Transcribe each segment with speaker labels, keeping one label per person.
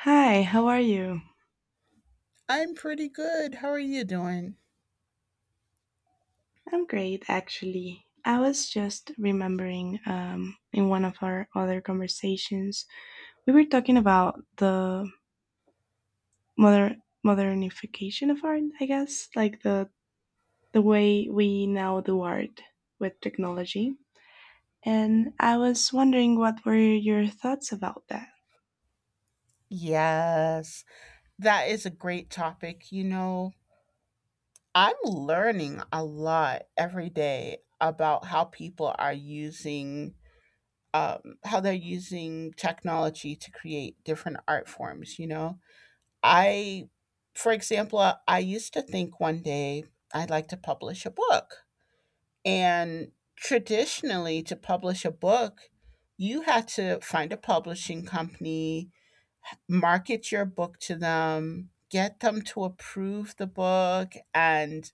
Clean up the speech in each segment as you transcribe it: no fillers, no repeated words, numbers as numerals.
Speaker 1: Hi, how are you?
Speaker 2: I'm pretty good. How are you doing?
Speaker 1: I'm great, actually. I was just remembering in one of our other conversations, we were talking about the moder- modernification of art, I guess, like the way we now do art with technology. And I was wondering what were your thoughts about that?
Speaker 2: Yes, that is a great topic. You know, I'm learning a lot every day about how people are using, how they're using technology to create different art forms. You know, I, for example, I used to think one day I'd like to publish a book. And traditionally, to publish a book, you had to find a publishing company, market your book to them, get them to approve the book, and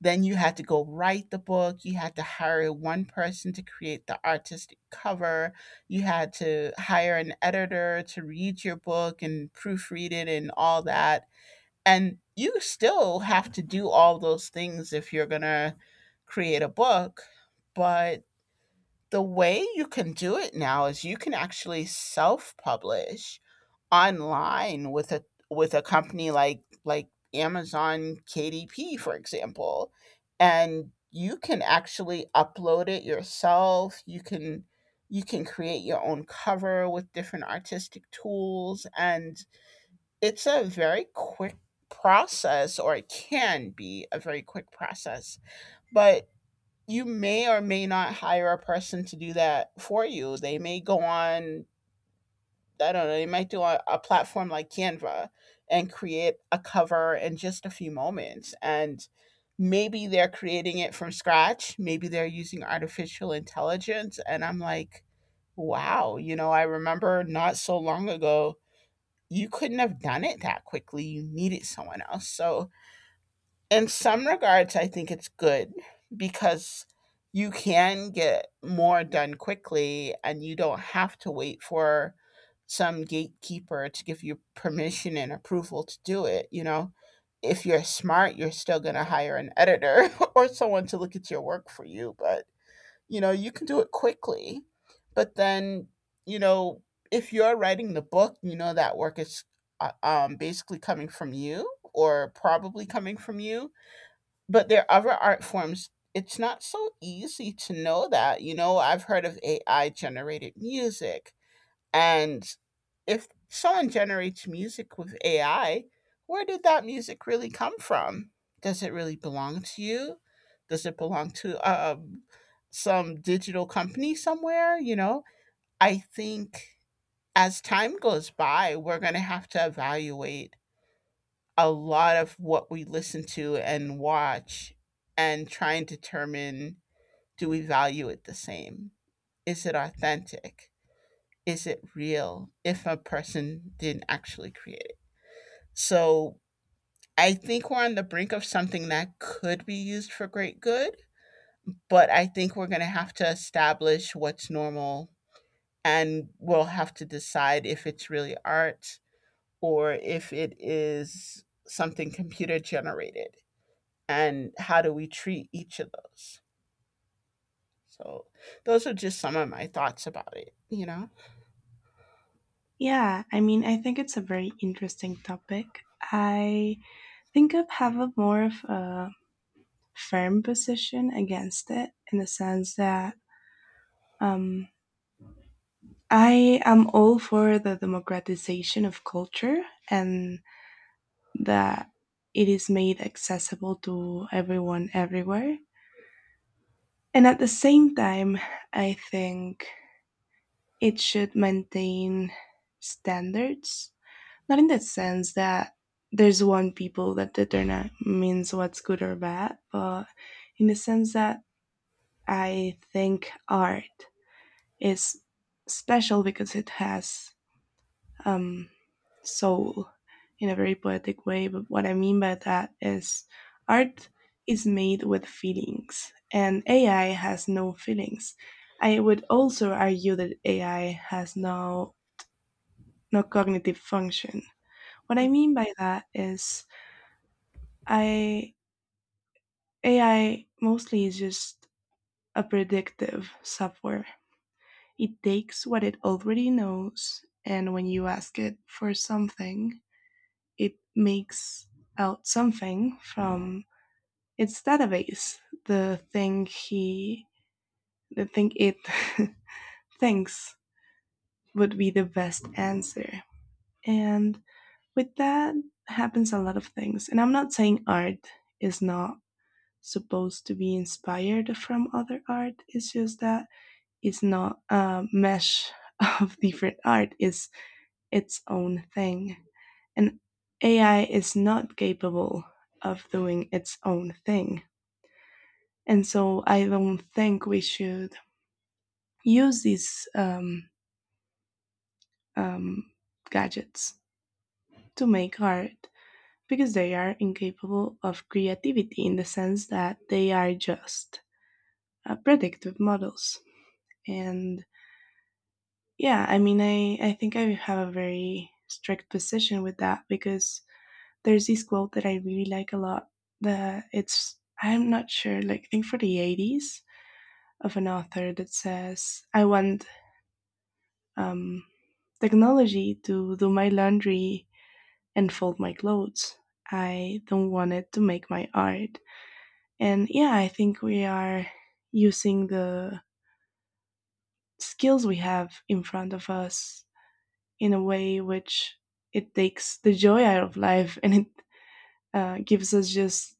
Speaker 2: then you had to go write the book. You had to hire one person to create the artistic cover. You had to hire an editor to read your book and proofread it and all that. And you still have to do all those things if you're going to create a book. But the way you can do it now is you can actually self publish online with a company like Amazon KDP, for example, and you can actually upload it yourself. You can create your own cover with different artistic tools, and it's a very quick process, or it can be a very quick process. But you may or may not hire a person to do that for you. They may go on, I don't know, you might do a platform like Canva and create a cover in just a few moments. And maybe they're creating it from scratch. Maybe they're using artificial intelligence. And I'm like, wow, you know, I remember not so long ago, you couldn't have done it that quickly. You needed someone else. So in some regards, I think it's good because you can get more done quickly and you don't have to wait for some gatekeeper to give you permission and approval to do it. You know, if you're smart, you're still going to hire an editor or someone to look at your work for you, but you know, you can do it quickly. But then, you know, if you're writing the book, you know that work is basically coming from you, or probably coming from you. But there are other art forms it's not so easy to know that. You know, I've heard of AI generated music, and if someone generates music with AI, where did that music really come from? Does it really belong to you? Does it belong to some digital company somewhere? You know, I think as time goes by we're going to have to evaluate a lot of what we listen to and watch, and try and determine, do we value it the same? Is it authentic? Is it real if a person didn't actually create it? So I think we're on the brink of something that could be used for great good, but I think we're going to have to establish what's normal, and we'll have to decide if it's really art or if it is something computer generated, and how do we treat each of those. So those are just some of my thoughts about it, you know.
Speaker 1: Yeah, I mean, I think it's a very interesting topic. I think I have a more of a firm position against it in the sense that um, I am all for the democratization of culture and that it is made accessible to everyone everywhere. And at the same time, I think it should maintain standards, not in the sense that there's one people that determines what's good or bad, but in the sense that I think art is special because it has um, soul in a very poetic way. But what I mean by that is art is made with feelings, and AI has no feelings. I would also argue that AI has no cognitive function. What I mean by that is I AI mostly is just a predictive software. It takes what it already knows and when you ask it for something, it makes out something from its database. The thing he, the thing it thinks would be the best answer. And with that happens a lot of things. And I'm not saying art is not supposed to be inspired from other art. It's just that it's not a mesh of different art. It's its own thing. And AI is not capable of doing its own thing. And so I don't think we should use these um, gadgets to make art because they are incapable of creativity in the sense that they are just predictive models. And yeah, I mean, I think I have a very strict position with that because there's this quote that I really like a lot. That it's I'm not sure, like I think for the '80s of an author that says, "I want um, technology to do my laundry and fold my clothes. I don't want it to make my art." And yeah, I think we are using the skills we have in front of us in a way which it takes the joy out of life and it gives us just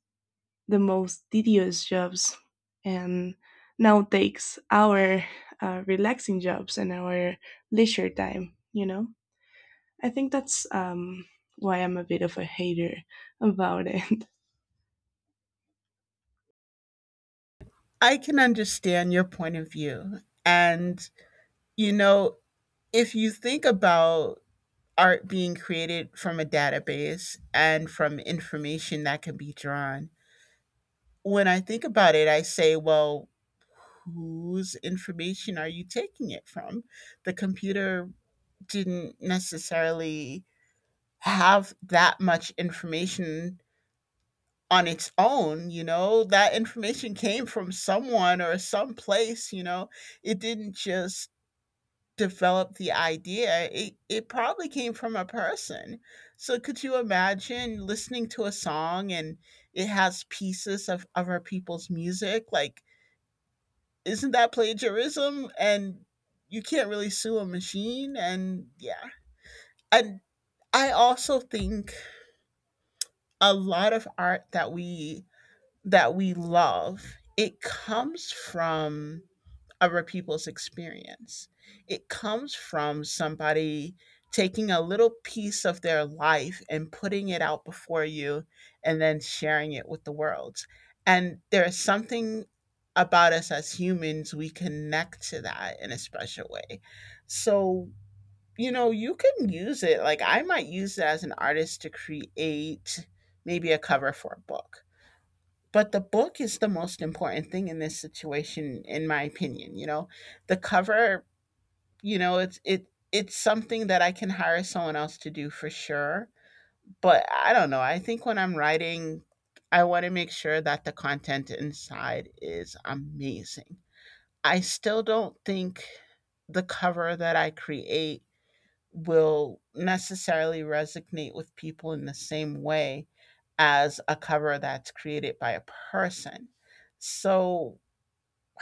Speaker 1: the most tedious jobs and now takes our relaxing jobs and our leisure time. I think that's why I'm a bit of a hater about it
Speaker 2: I can understand your point of view. And, you know, if you think about art being created from a database and from information that can be drawn, when I think about it I say, well, whose information are you taking it from? The computer didn't necessarily have that much information on its own, you know. That information came from someone or someplace, you know. It didn't just develop the idea. It probably came from a person. So could you imagine listening to a song and it has pieces of other people's music? Like, isn't that plagiarism? And you can't really sue a machine, and yeah. And I also think a lot of art that we love, it comes from other people's experience. It comes from somebody taking a little piece of their life and putting it out before you and then sharing it with the world. And there's something about us as humans, we connect to that in a special way. So, you know, you can use it. Like, I might use it as an artist to create maybe a cover for a book, but the book is the most important thing in this situation, in my opinion, you know. The cover, you know, it's it's something that I can hire someone else to do, for sure. But I don't know, I think when I'm writing I want to make sure that the content inside is amazing. I still don't think the cover that I create will necessarily resonate with people in the same way as a cover that's created by a person. So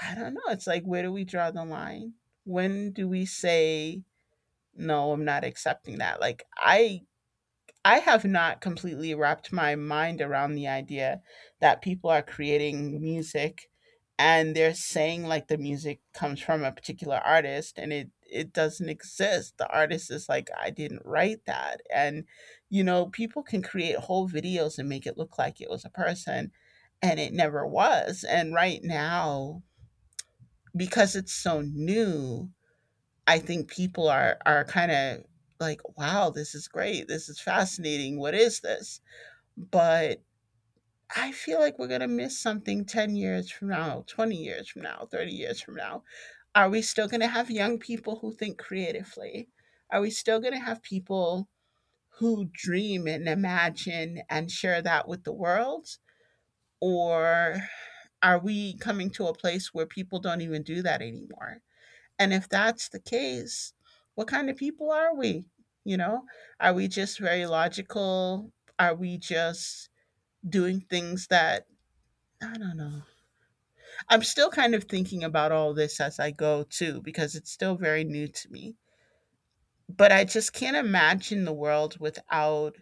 Speaker 2: I don't know. It's like, where do we draw the line? When do we say, no, I'm not accepting that? Like, I have not completely wrapped my mind around the idea that people are creating music and they're saying like the music comes from a particular artist, and it doesn't exist. The artist is like, I didn't write that. And you know, people can create whole videos and make it look like it was a person, and it never was. And right now, because it's so new, I think people are kind of like, wow, this is great. This is fascinating. What is this? But I feel like we're going to miss something 10 years from now, 20 years from now, 30 years from now. Are we still going to have young people who think creatively? Are we still going to have people who dream and imagine and share that with the world? Or are we coming to a place where people don't even do that anymore? And if that's the case, what kind of people are we? You know, are we just very logical? Are we just doing things that, I don't know. I'm still kind of thinking about all this as I go too, because it's still very new to me. But I just can't imagine the world without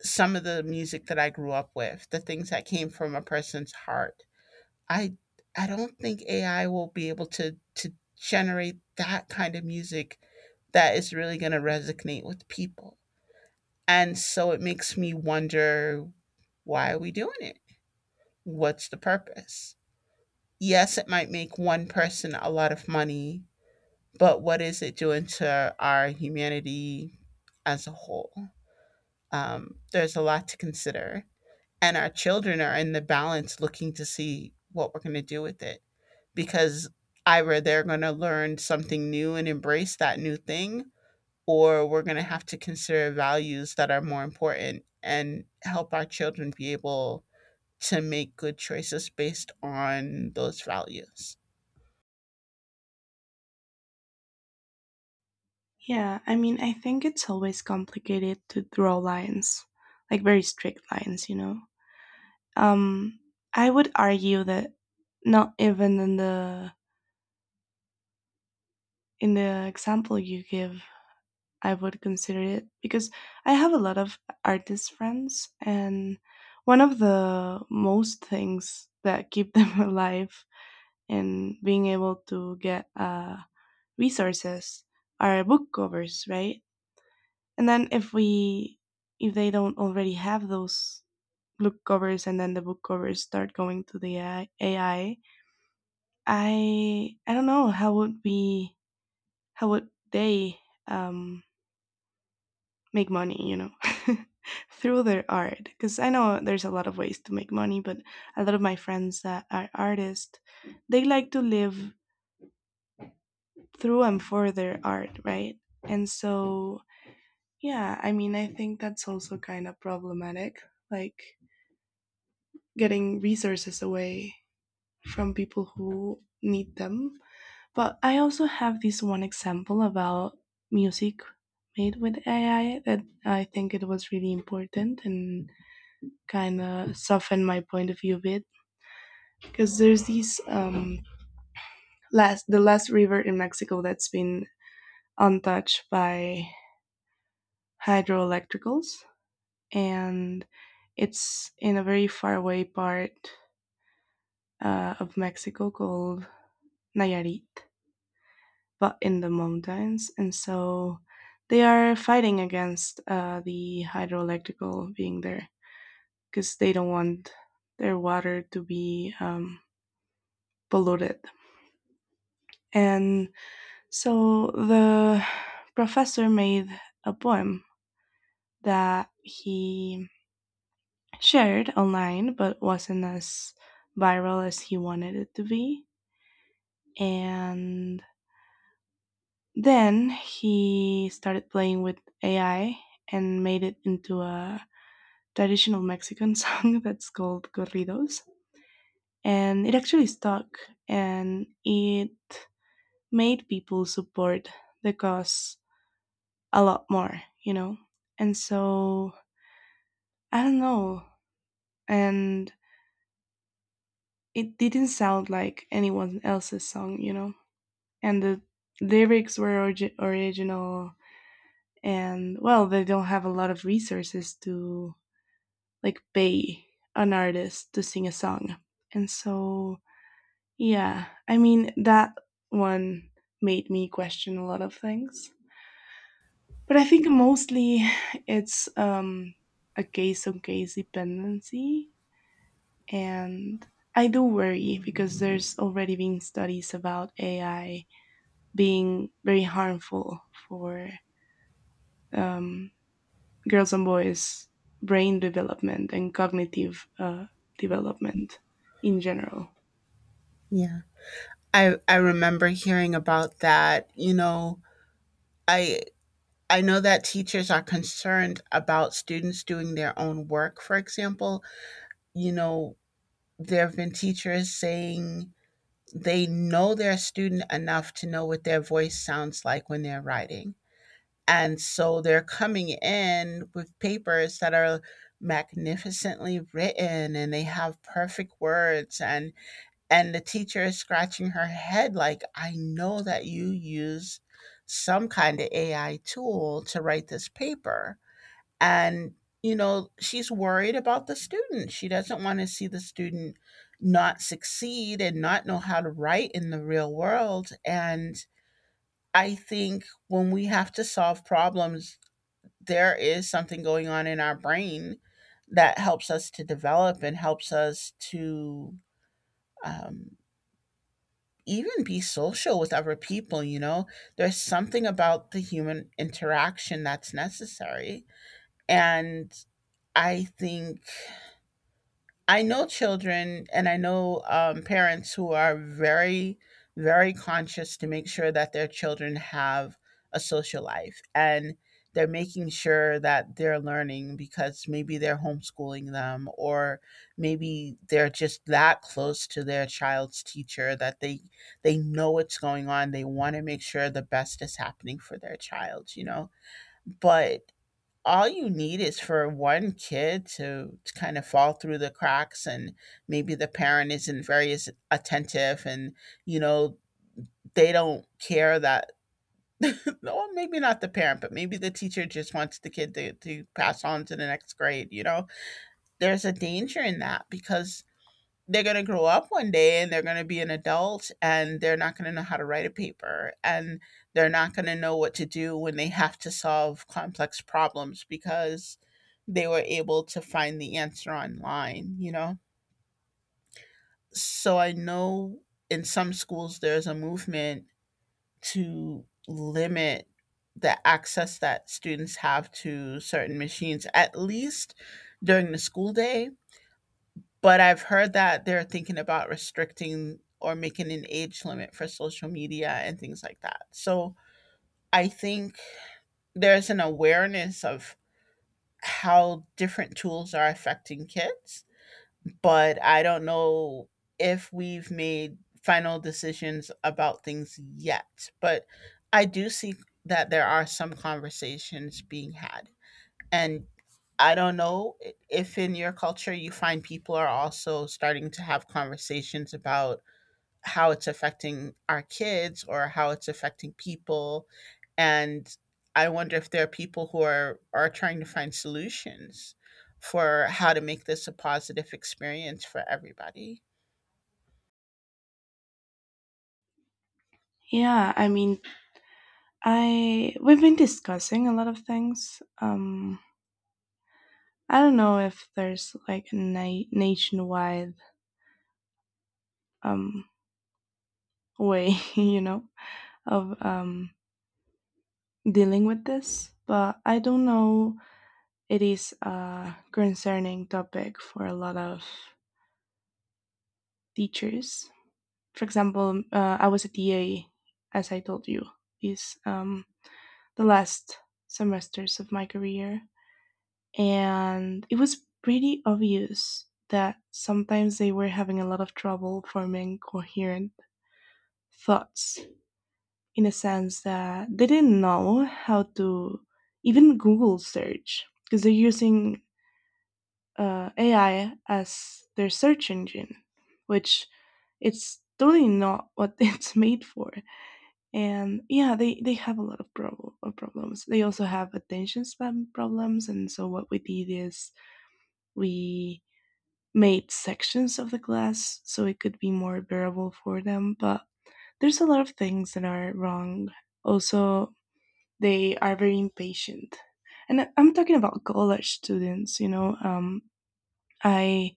Speaker 2: some of the music that I grew up with, the things that came from a person's heart. I I don't think AI will be able to generate that kind of music that is really going to resonate with people. And so it makes me wonder, why are we doing it? What's the purpose? Yes, it might make one person a lot of money, but what is it doing to our humanity as a whole? There's a lot to consider. And our children are in the balance looking to see what we're going to do with it, because either they're going to learn something new and embrace that new thing, or we're going to have to consider values that are more important and help our children be able to make good choices based on those values.
Speaker 1: yeah, I mean, I think it's always complicated to draw lines like very strict lines, you know. Um, I would argue that not even in the example you give, I would consider it because I have a lot of artist friends, and one of the most things that keep them alive and being able to get resources are book covers, right? And then if they don't already have those book covers, and then the book covers start going to the AI, I don't know how would they um, make money, you know, through their art? Because I know there's a lot of ways to make money, but a lot of my friends that are artists, they like to live through and for their art, right? And so yeah, I mean, I think that's also kind of problematic, like getting resources away from people who need them. But I also have this one example about music made with AI that I think it was really important and kind of softened my point of view a bit because there's this last the last river in Mexico that's been untouched by hydroelectricals, and it's in a very faraway part of Mexico called Nayarit, but in the mountains, and so they are fighting against the hydroelectrical being there because they don't want their water to be polluted. And so the professor made a poem that he shared online, but wasn't as viral as he wanted it to be. And then he started playing with AI and made it into a traditional Mexican song that's called corridos, and it actually stuck and it made people support the cause a lot more, you know? And so, I don't know. And it didn't sound like anyone else's song, you know? And the lyrics were original, and well, they don't have a lot of resources to like pay an artist to sing a song. And so yeah, I mean, that one made me question a lot of things. But I think mostly it's a case on case dependency. And I do worry because there's already been studies about AI being very harmful for um, girls and boys' brain development and cognitive development in general.
Speaker 2: Yeah. I remember hearing about that. You know, I I know that teachers are concerned about students doing their own work, for example. You know, there have been teachers saying they know their student enough to know what their voice sounds like when they're writing. And so they're coming in with papers that are magnificently written and they have perfect words, and the teacher is scratching her head, like, I know that you use some kind of AI tool to write this paper. And, you know, she's worried about the student. She doesn't want to see the student not succeed and not know how to write in the real world. And I think when we have to solve problems, there is something going on in our brain that helps us to develop and helps us to um, even be social with other people, you know? There's something about the human interaction that's necessary. And I think I know children, and I know parents who are very, very conscious to make sure that their children have a social life, and they're making sure that they're learning because maybe they're homeschooling them, or maybe they're just that close to their child's teacher that they know what's going on. They want to make sure the best is happening for their child, you know. But all you need is for one kid to kind of fall through the cracks, and maybe the parent isn't very as attentive, and you know, they don't care that well, maybe not the parent, but maybe the teacher just wants the kid to pass on to the next grade, you know. There's a danger in that, because they're going to grow up one day and they're going to be an adult and they're not going to know how to write a paper, and they're not going to know what to do when they have to solve complex problems because they were able to find the answer online, you know? So I know in some schools there's a movement to limit the access that students have to certain machines, at least during the school day. But I've heard that they're thinking about restricting or making an age limit for social media and things like that. So I think there's an awareness of how different tools are affecting kids, but I don't know if we've made final decisions about things yet. But I do see that there are some conversations being had. And I don't know if in your culture you find people are also starting to have conversations about how it's affecting our kids or how it's affecting people. And I wonder if there are people who are trying to find solutions for how to make this a positive experience for everybody.
Speaker 1: Yeah, I mean, I we've been discussing a lot of things. I don't know if there's like a nationwide um way, you know, of dealing with this, but I don't know. It is a concerning topic for a lot of teachers. For example, I was a TA, as I told you, these the last semesters of my career, and it was pretty obvious that sometimes they were having a lot of trouble forming coherent thoughts in a sense that they didn't know how to even Google search because they're using AI as their search engine, which it's totally not what it's made for. And yeah, they have a lot of problems. They also have attention span problems. And so what we did is we made sections of the glass so it could be more bearable for them. But there's a lot of things that are wrong. Also, they are very impatient. And am talking about college students, you know. I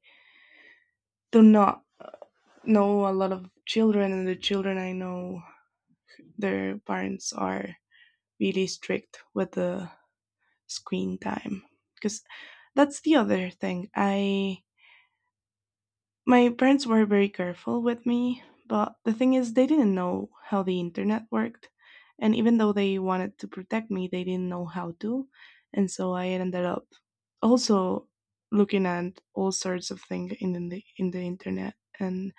Speaker 1: do not know a lot of children, and the children I know, their parents are really strict with the screen time. Because that's the other thing. I My parents were very careful with me, but the thing is, they didn't know how the internet worked. And even though they wanted to protect me, they didn't know how to. And so I ended up also looking at all sorts of things in in the internet. And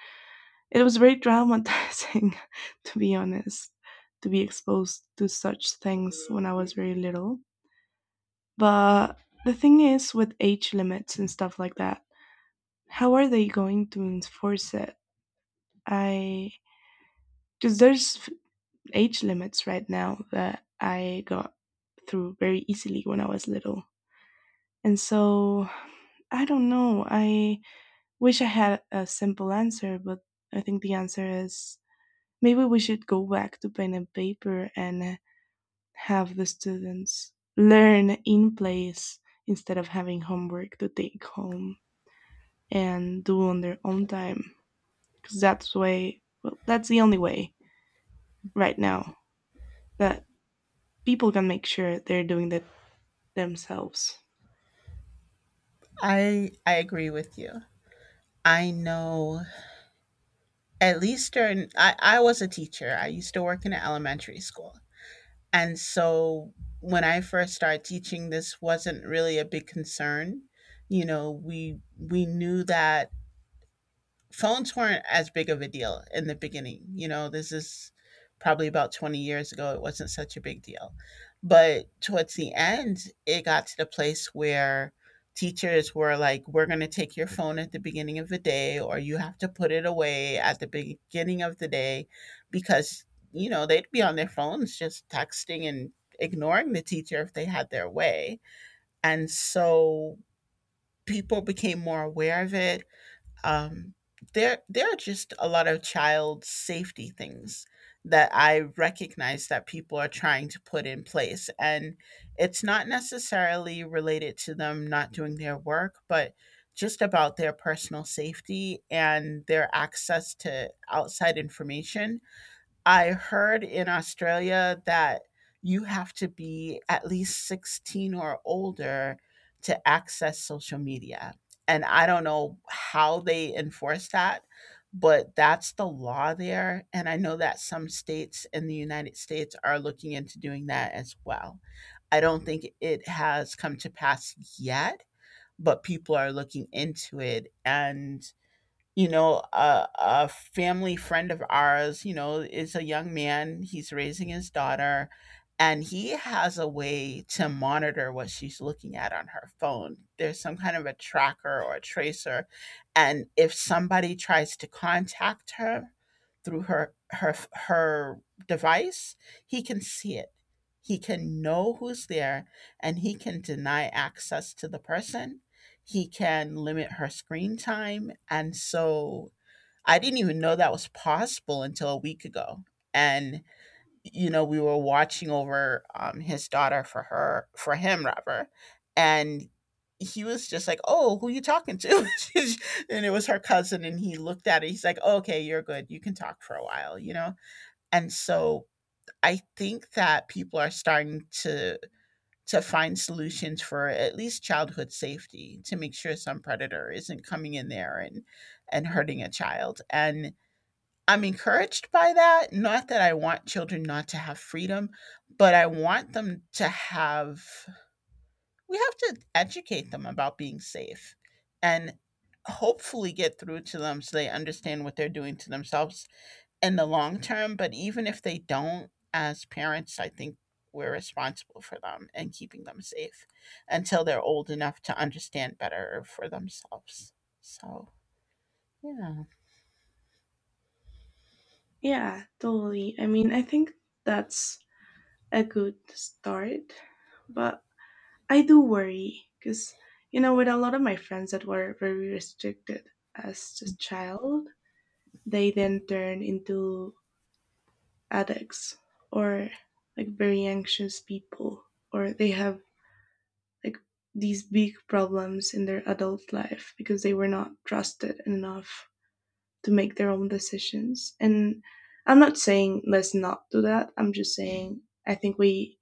Speaker 1: it was very traumatizing, to be honest, to be exposed to such things when I was very little. But the thing is, with age limits and stuff like that, how are they going to enforce it? I Because there's age limits right now that I got through very easily when I was little. And so I don't know. I wish I had a simple answer, but I think the answer is maybe we should go back to pen and paper and have the students learn in place instead of having homework to take home and do on their own time because that's way well, that's the only way right now that people can make sure they're doing that themselves.
Speaker 2: I agree with you. I know at least during I was a teacher. I used to work in an elementary school. And so when I first started teaching, this wasn't really a big concern. You know, we knew that phones weren't as big of a deal in the beginning. You know, this is probably about 20 years ago. It wasn't such a big deal. But towards the end, it got to the place where teachers were like, "We're going to take your phone at the beginning of the day, or you have to put it away at the beginning of the day," because, you know, they'd be on their phones just texting and ignoring the teacher if they had their way. And so people became more aware of it. um, there there are just a lot of child safety things that I recognize that people are trying to put in place, and it's not necessarily related to them not doing their work, but just about their personal safety and their access to outside information. I heard in Australia that you have to be at least 16 or older to access social media. And I don't know how they enforce that, but that's the law there. And I know that some states in the United States are looking into doing that as well. I don't think it has come to pass yet, but people are looking into it. And you know, a family friend of ours, you know, is a young man. He's raising his daughter, and he has a way to monitor what she's looking at on her phone. There's some kind of a tracker or a tracer, and if somebody tries to contact her through her device, he can see it. He can know who's there, and he can deny access to the person. He can limit her screen time. And so I didn't even know that was possible until a week ago. And you know, we were watching over his daughter for her, for him rather, and he was just like, "Oh, who you talking to?" And it was her cousin, and he looked at it. He's like, "Oh, okay, you're good. You can talk for a while," you know. And so I think that people are starting to find solutions for at least childhood safety, to make sure some predator isn't coming in there and hurting a child. And I'm encouraged by that. Not that I want children not to have freedom, but I want them to have — we have to educate them about being safe and hopefully get through to them so they understand what they're doing to themselves in the long term. But even if they don't, as parents, I think we're responsible for them and keeping them safe until they're old enough to understand better for themselves. So, yeah.
Speaker 1: Yeah, totally. I mean, I think that's a good start, but I do worry because, you know, with a lot of my friends that were very restricted as a child, they then turn into addicts or like very anxious people, or they have like these big problems in their adult life because they were not trusted enough to make their own decisions. And I'm not saying let's not do that. I'm just saying I think we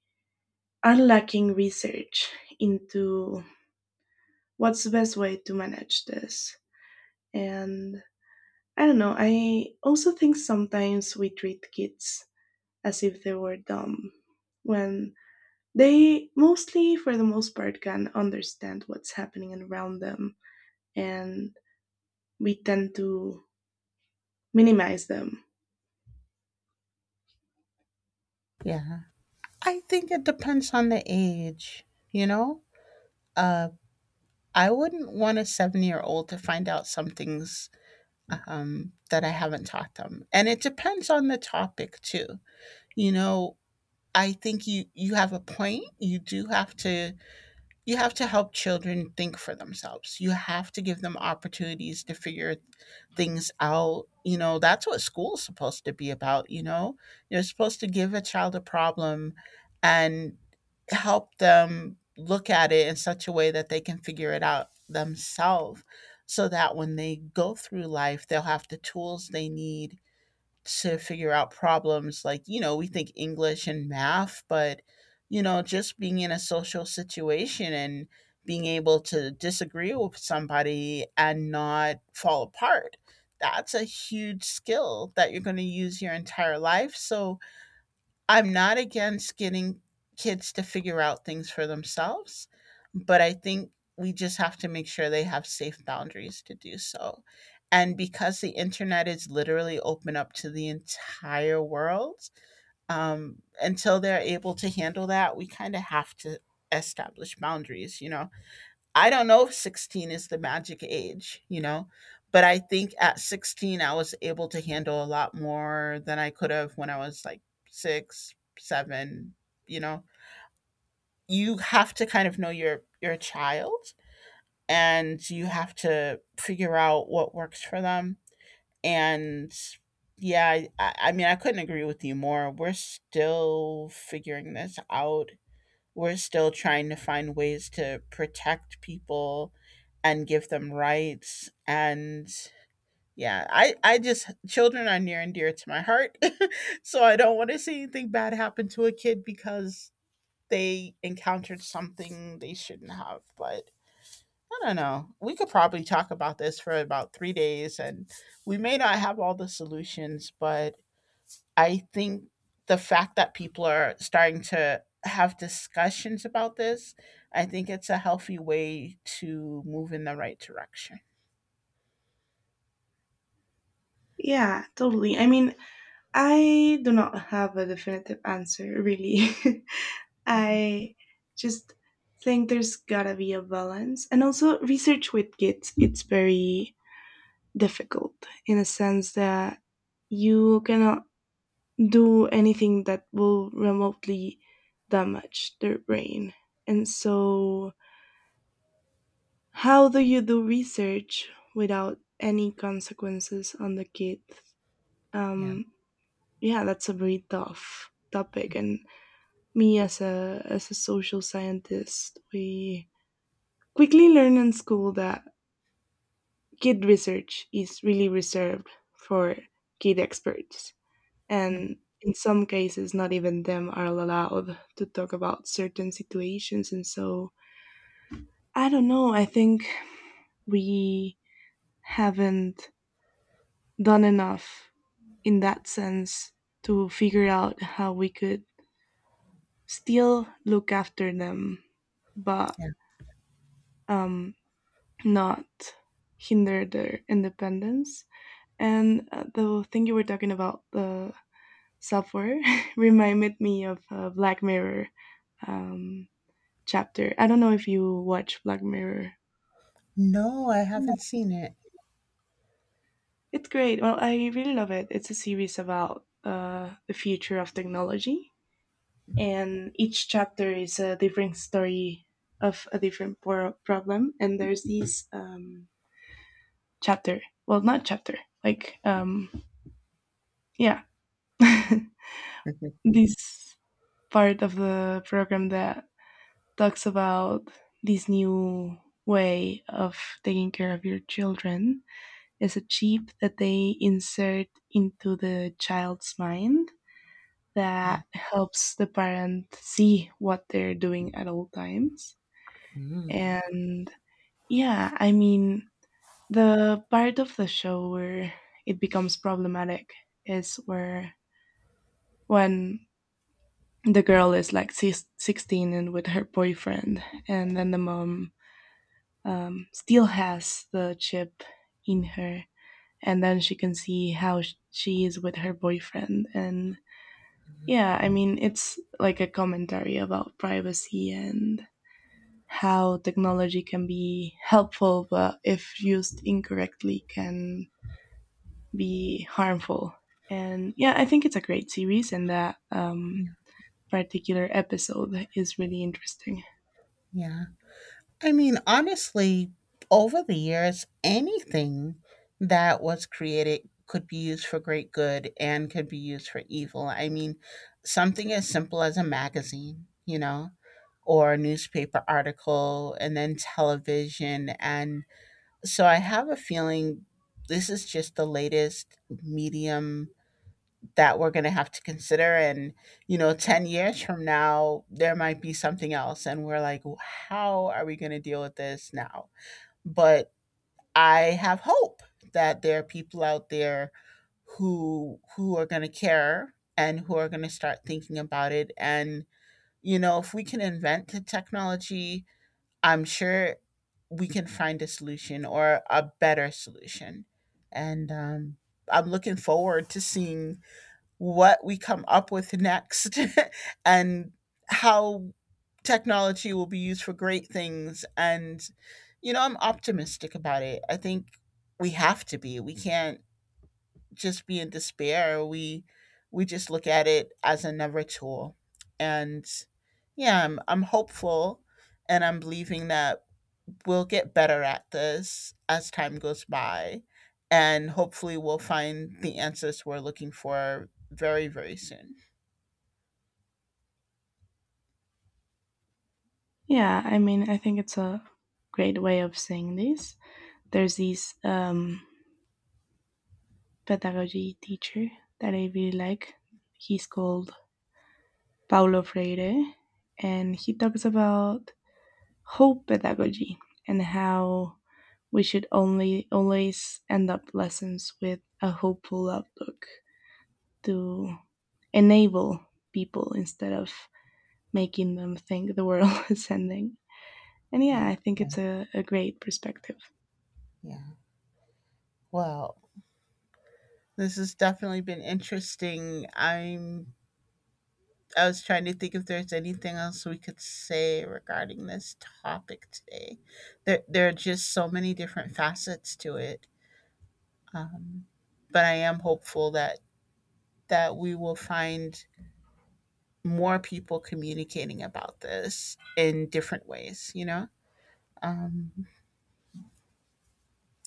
Speaker 1: are lacking research into what's the best way to manage this. And I don't know, I also think sometimes we treat kids as if they were dumb when they mostly, for the most part, can understand what's happening around them and we tend to minimize them.
Speaker 2: Yeah. I think it depends on the age, you know? Uh, I wouldn't want a 7 year old to find out some things that I haven't taught them. And it depends on the topic, too. You know, I think you have a point. You do have to — you have to help children think for themselves. You have to give them opportunities to figure things out. You know, that's what school's supposed to be about, you know? You're supposed to give a child a problem and help them look at it in such a way that they can figure it out themselves, so that when they go through life, they'll have the tools they need to figure out problems. Like, you know, we think English and math, but you know, just being in a social situation and being able to disagree with somebody and not fall apart, that's a huge skill that you're going to use your entire life. So I'm not against getting kids to figure out things for themselves, but I think we just have to make sure they have safe boundaries to do so. And because the internet is literally open up to the entire world, until they're able to handle that, we kind of have to establish boundaries, you know? I don't know if 16 is the magic age, you know, but I think at 16, I was able to handle a lot more than I could have when I was like six, seven, you know. You have to kind of know your child, and you have to figure out what works for them. And yeah, I mean, I couldn't agree with you more. We're still figuring this out. We're still trying to find ways to protect people and give them rights. And yeah, I just — children are near and dear to my heart. So I don't want to see anything bad happen to a kid because they encountered something they shouldn't have. But I don't know, we could probably talk about this for about 3 days, and we may not have all the solutions. But I think the fact that people are starting to have discussions about this, I think it's a healthy way to move in the right direction.
Speaker 1: Yeah, totally. I mean, I do not have a definitive answer, really.
Speaker 2: Mhm.
Speaker 1: I just think there's gotta be a balance. And also, research with kids, it's very difficult in a sense that you cannot do anything that will remotely damage their brain. And so, how do you do research without any consequences on the kid?
Speaker 2: Yeah.
Speaker 1: Um, yeah, that's a very tough topic and me as a social scientist we quickly learn in school that kid research is really reserved for kid experts
Speaker 2: Mhm.
Speaker 1: and in some cases not even them are allowed to talk about certain situations. And so I don't know, I think we haven't done enough in that sense to figure out how we could still look after them but
Speaker 2: Yeah.
Speaker 1: um, not hinder their independence. And the thing you were talking about, the software, reminded me of a Black Mirror um, chapter. I don't know if you watch Black Mirror.
Speaker 2: No, I
Speaker 1: Yeah.
Speaker 2: haven't seen it.
Speaker 1: It's great. Well, I really love it. It's a series about the future of technology, and each chapter is a different story of a different problem. And there's this chapter. Well, not chapter. Like, yeah. This part of the program that talks about this new way of taking care of your children is a chip that they insert into the child's mind that helps the parent see what they're doing at all times. And yeah, I mean, the part of the show where it becomes problematic is where when the girl is like 16 and with her boyfriend and then the mom still has the chip in her and then she can see how she is with her boyfriend. And yeah, I mean, it's like a commentary about privacy and how technology can be helpful but if used incorrectly can be harmful. And yeah, I think it's a great series, and that
Speaker 2: Yeah.
Speaker 1: particular episode is really interesting.
Speaker 2: Yeah. I mean, honestly, over the years, anything that was created could be used for great good and could be used for evil. I mean, something as simple as a magazine, you know, or a newspaper article, and then television. And so I have a feeling this is just the latest medium that we're going to have to consider. And you know, 10 years from now there might be something else, and we're like, "W- how are we going to deal with this now?" But I have hope that there are people out there who are going to care and who are going to start thinking about it. And you know, if we can invent the technology, I'm sure we can find a solution or a better solution. And I'm looking forward to seeing what we come up with next and how technology will be used for great things. And, you know, I'm optimistic about it. I think we have to be. We can't just be in despair. We just look at it as another tool. And yeah, I'm hopeful and I'm believing that we'll get better at this as time goes by. And hopefully, we'll find the answers we're looking for very, very soon.
Speaker 1: Yeah, I mean, I think it's a great way of saying this. There's this pedagogy teacher that I really like. He's called Paulo Freire, and he talks about hope pedagogy and how we should only always end up lessons with a hopeful outlook to enable people instead of making them think the world is ending. And yeah,
Speaker 2: Yeah.
Speaker 1: I think it's a great perspective.
Speaker 2: Yeah. Well, this has definitely been interesting. I was trying to think if there's anything else we could say regarding this topic today. There are just so many different facets to it. Um, but I am hopeful that that we will find more people communicating about this in different ways, you know? Um,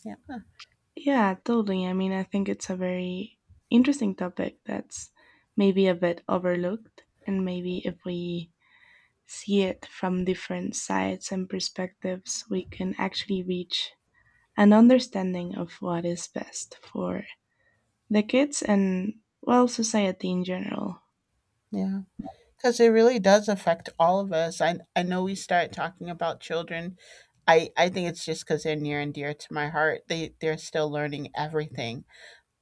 Speaker 2: yeah,
Speaker 1: Yeah, totally. I mean, I think it's a very interesting topic that's maybe a bit overlooked. And maybe if we see it from different sides and perspectives, we can actually reach an understanding of what is best for the kids and, well, society in general.
Speaker 2: yeah. Because it really does affect all of us. I know we start talking about children. I think it's just because they're near and dear to my heart. They're still learning everything.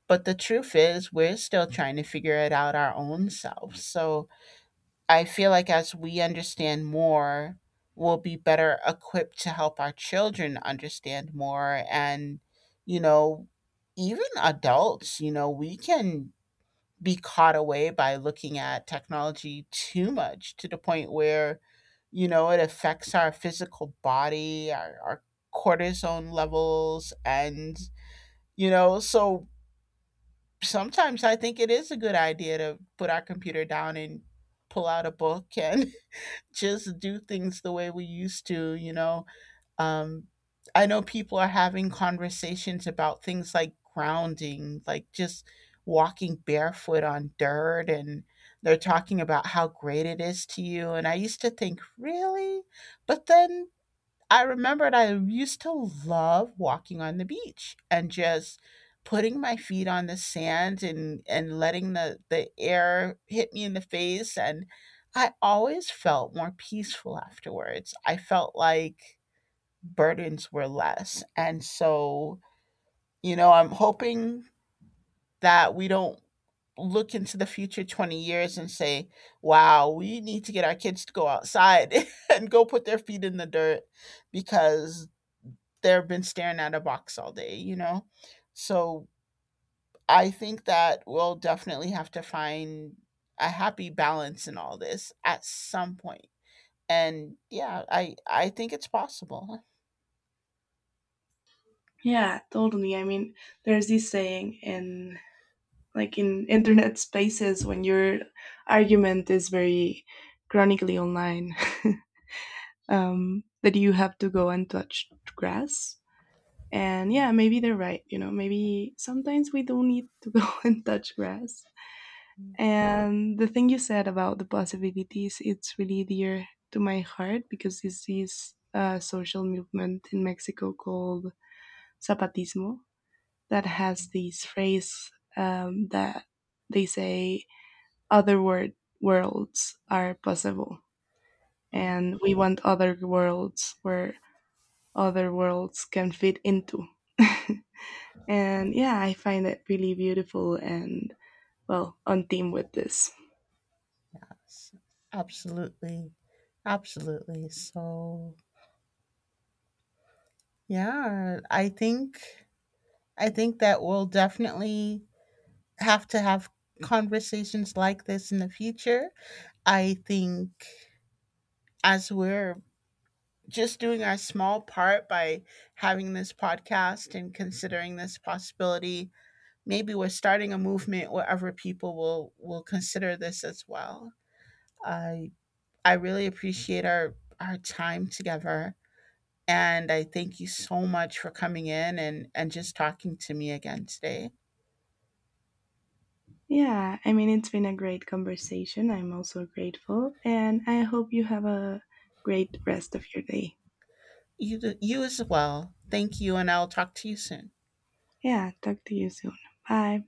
Speaker 2: But the truth is, we're still trying to figure it out our own selves. So, I feel like as we understand more, we'll be better equipped to help our children understand more. And, you know, even adults, you know, we can be caught away by looking at technology too much, to the point where, you know, it affects our physical body, our cortisone levels. And, you know, so sometimes I think it is a good idea to put our computer down and pull out a book and just do things the way we used to, you know. Um, I know people are having conversations about things like grounding, like just walking barefoot on dirt, and they're talking about how great it is to you. And I used to think, really? But then I remembered I used to love walking on the beach and just putting my feet on the sand, and letting the air hit me in the face. And I always felt more peaceful afterwards. I felt like burdens were less. And so, you know, I'm hoping that we don't look into the future 20 years and say, wow, we need to get our kids to go outside and go put their feet in the dirt because they've been staring at a box all day, you know? So I think that we'll definitely have to find a happy balance in all this at some point. And yeah, I think it's possible.
Speaker 1: Yeah, totally. I mean, there's this saying in like in internet spaces when your argument is very chronically online. That you have to go and touch grass. And yeah, maybe they're right. You know, maybe sometimes we don't need to go and touch grass. And the thing you said about the possibilities, it's really dear to my heart because this is a social movement in Mexico called Zapatismo that has this phrase that they say other word, worlds are possible.
Speaker 2: Mm.
Speaker 1: And we want other worlds where other worlds can fit into. And yeah, I find it really beautiful and, well, on theme with this.
Speaker 2: Yes, absolutely. Absolutely. So, yeah, I think that we'll definitely have to have conversations like this in the future. I think as we're just doing our small part by having this podcast and considering this possibility, maybe we're starting a movement where other people will consider this as well. I i really appreciate our time together, and I thank you so much for coming in and just talking to me again today.
Speaker 1: Yeah, I mean, it's been a great conversation. I'm also grateful. And I hope you have a great rest of your day.
Speaker 2: You as well. Thank you, and I'll talk to you soon.
Speaker 1: Yeah, talk to you soon. Bye.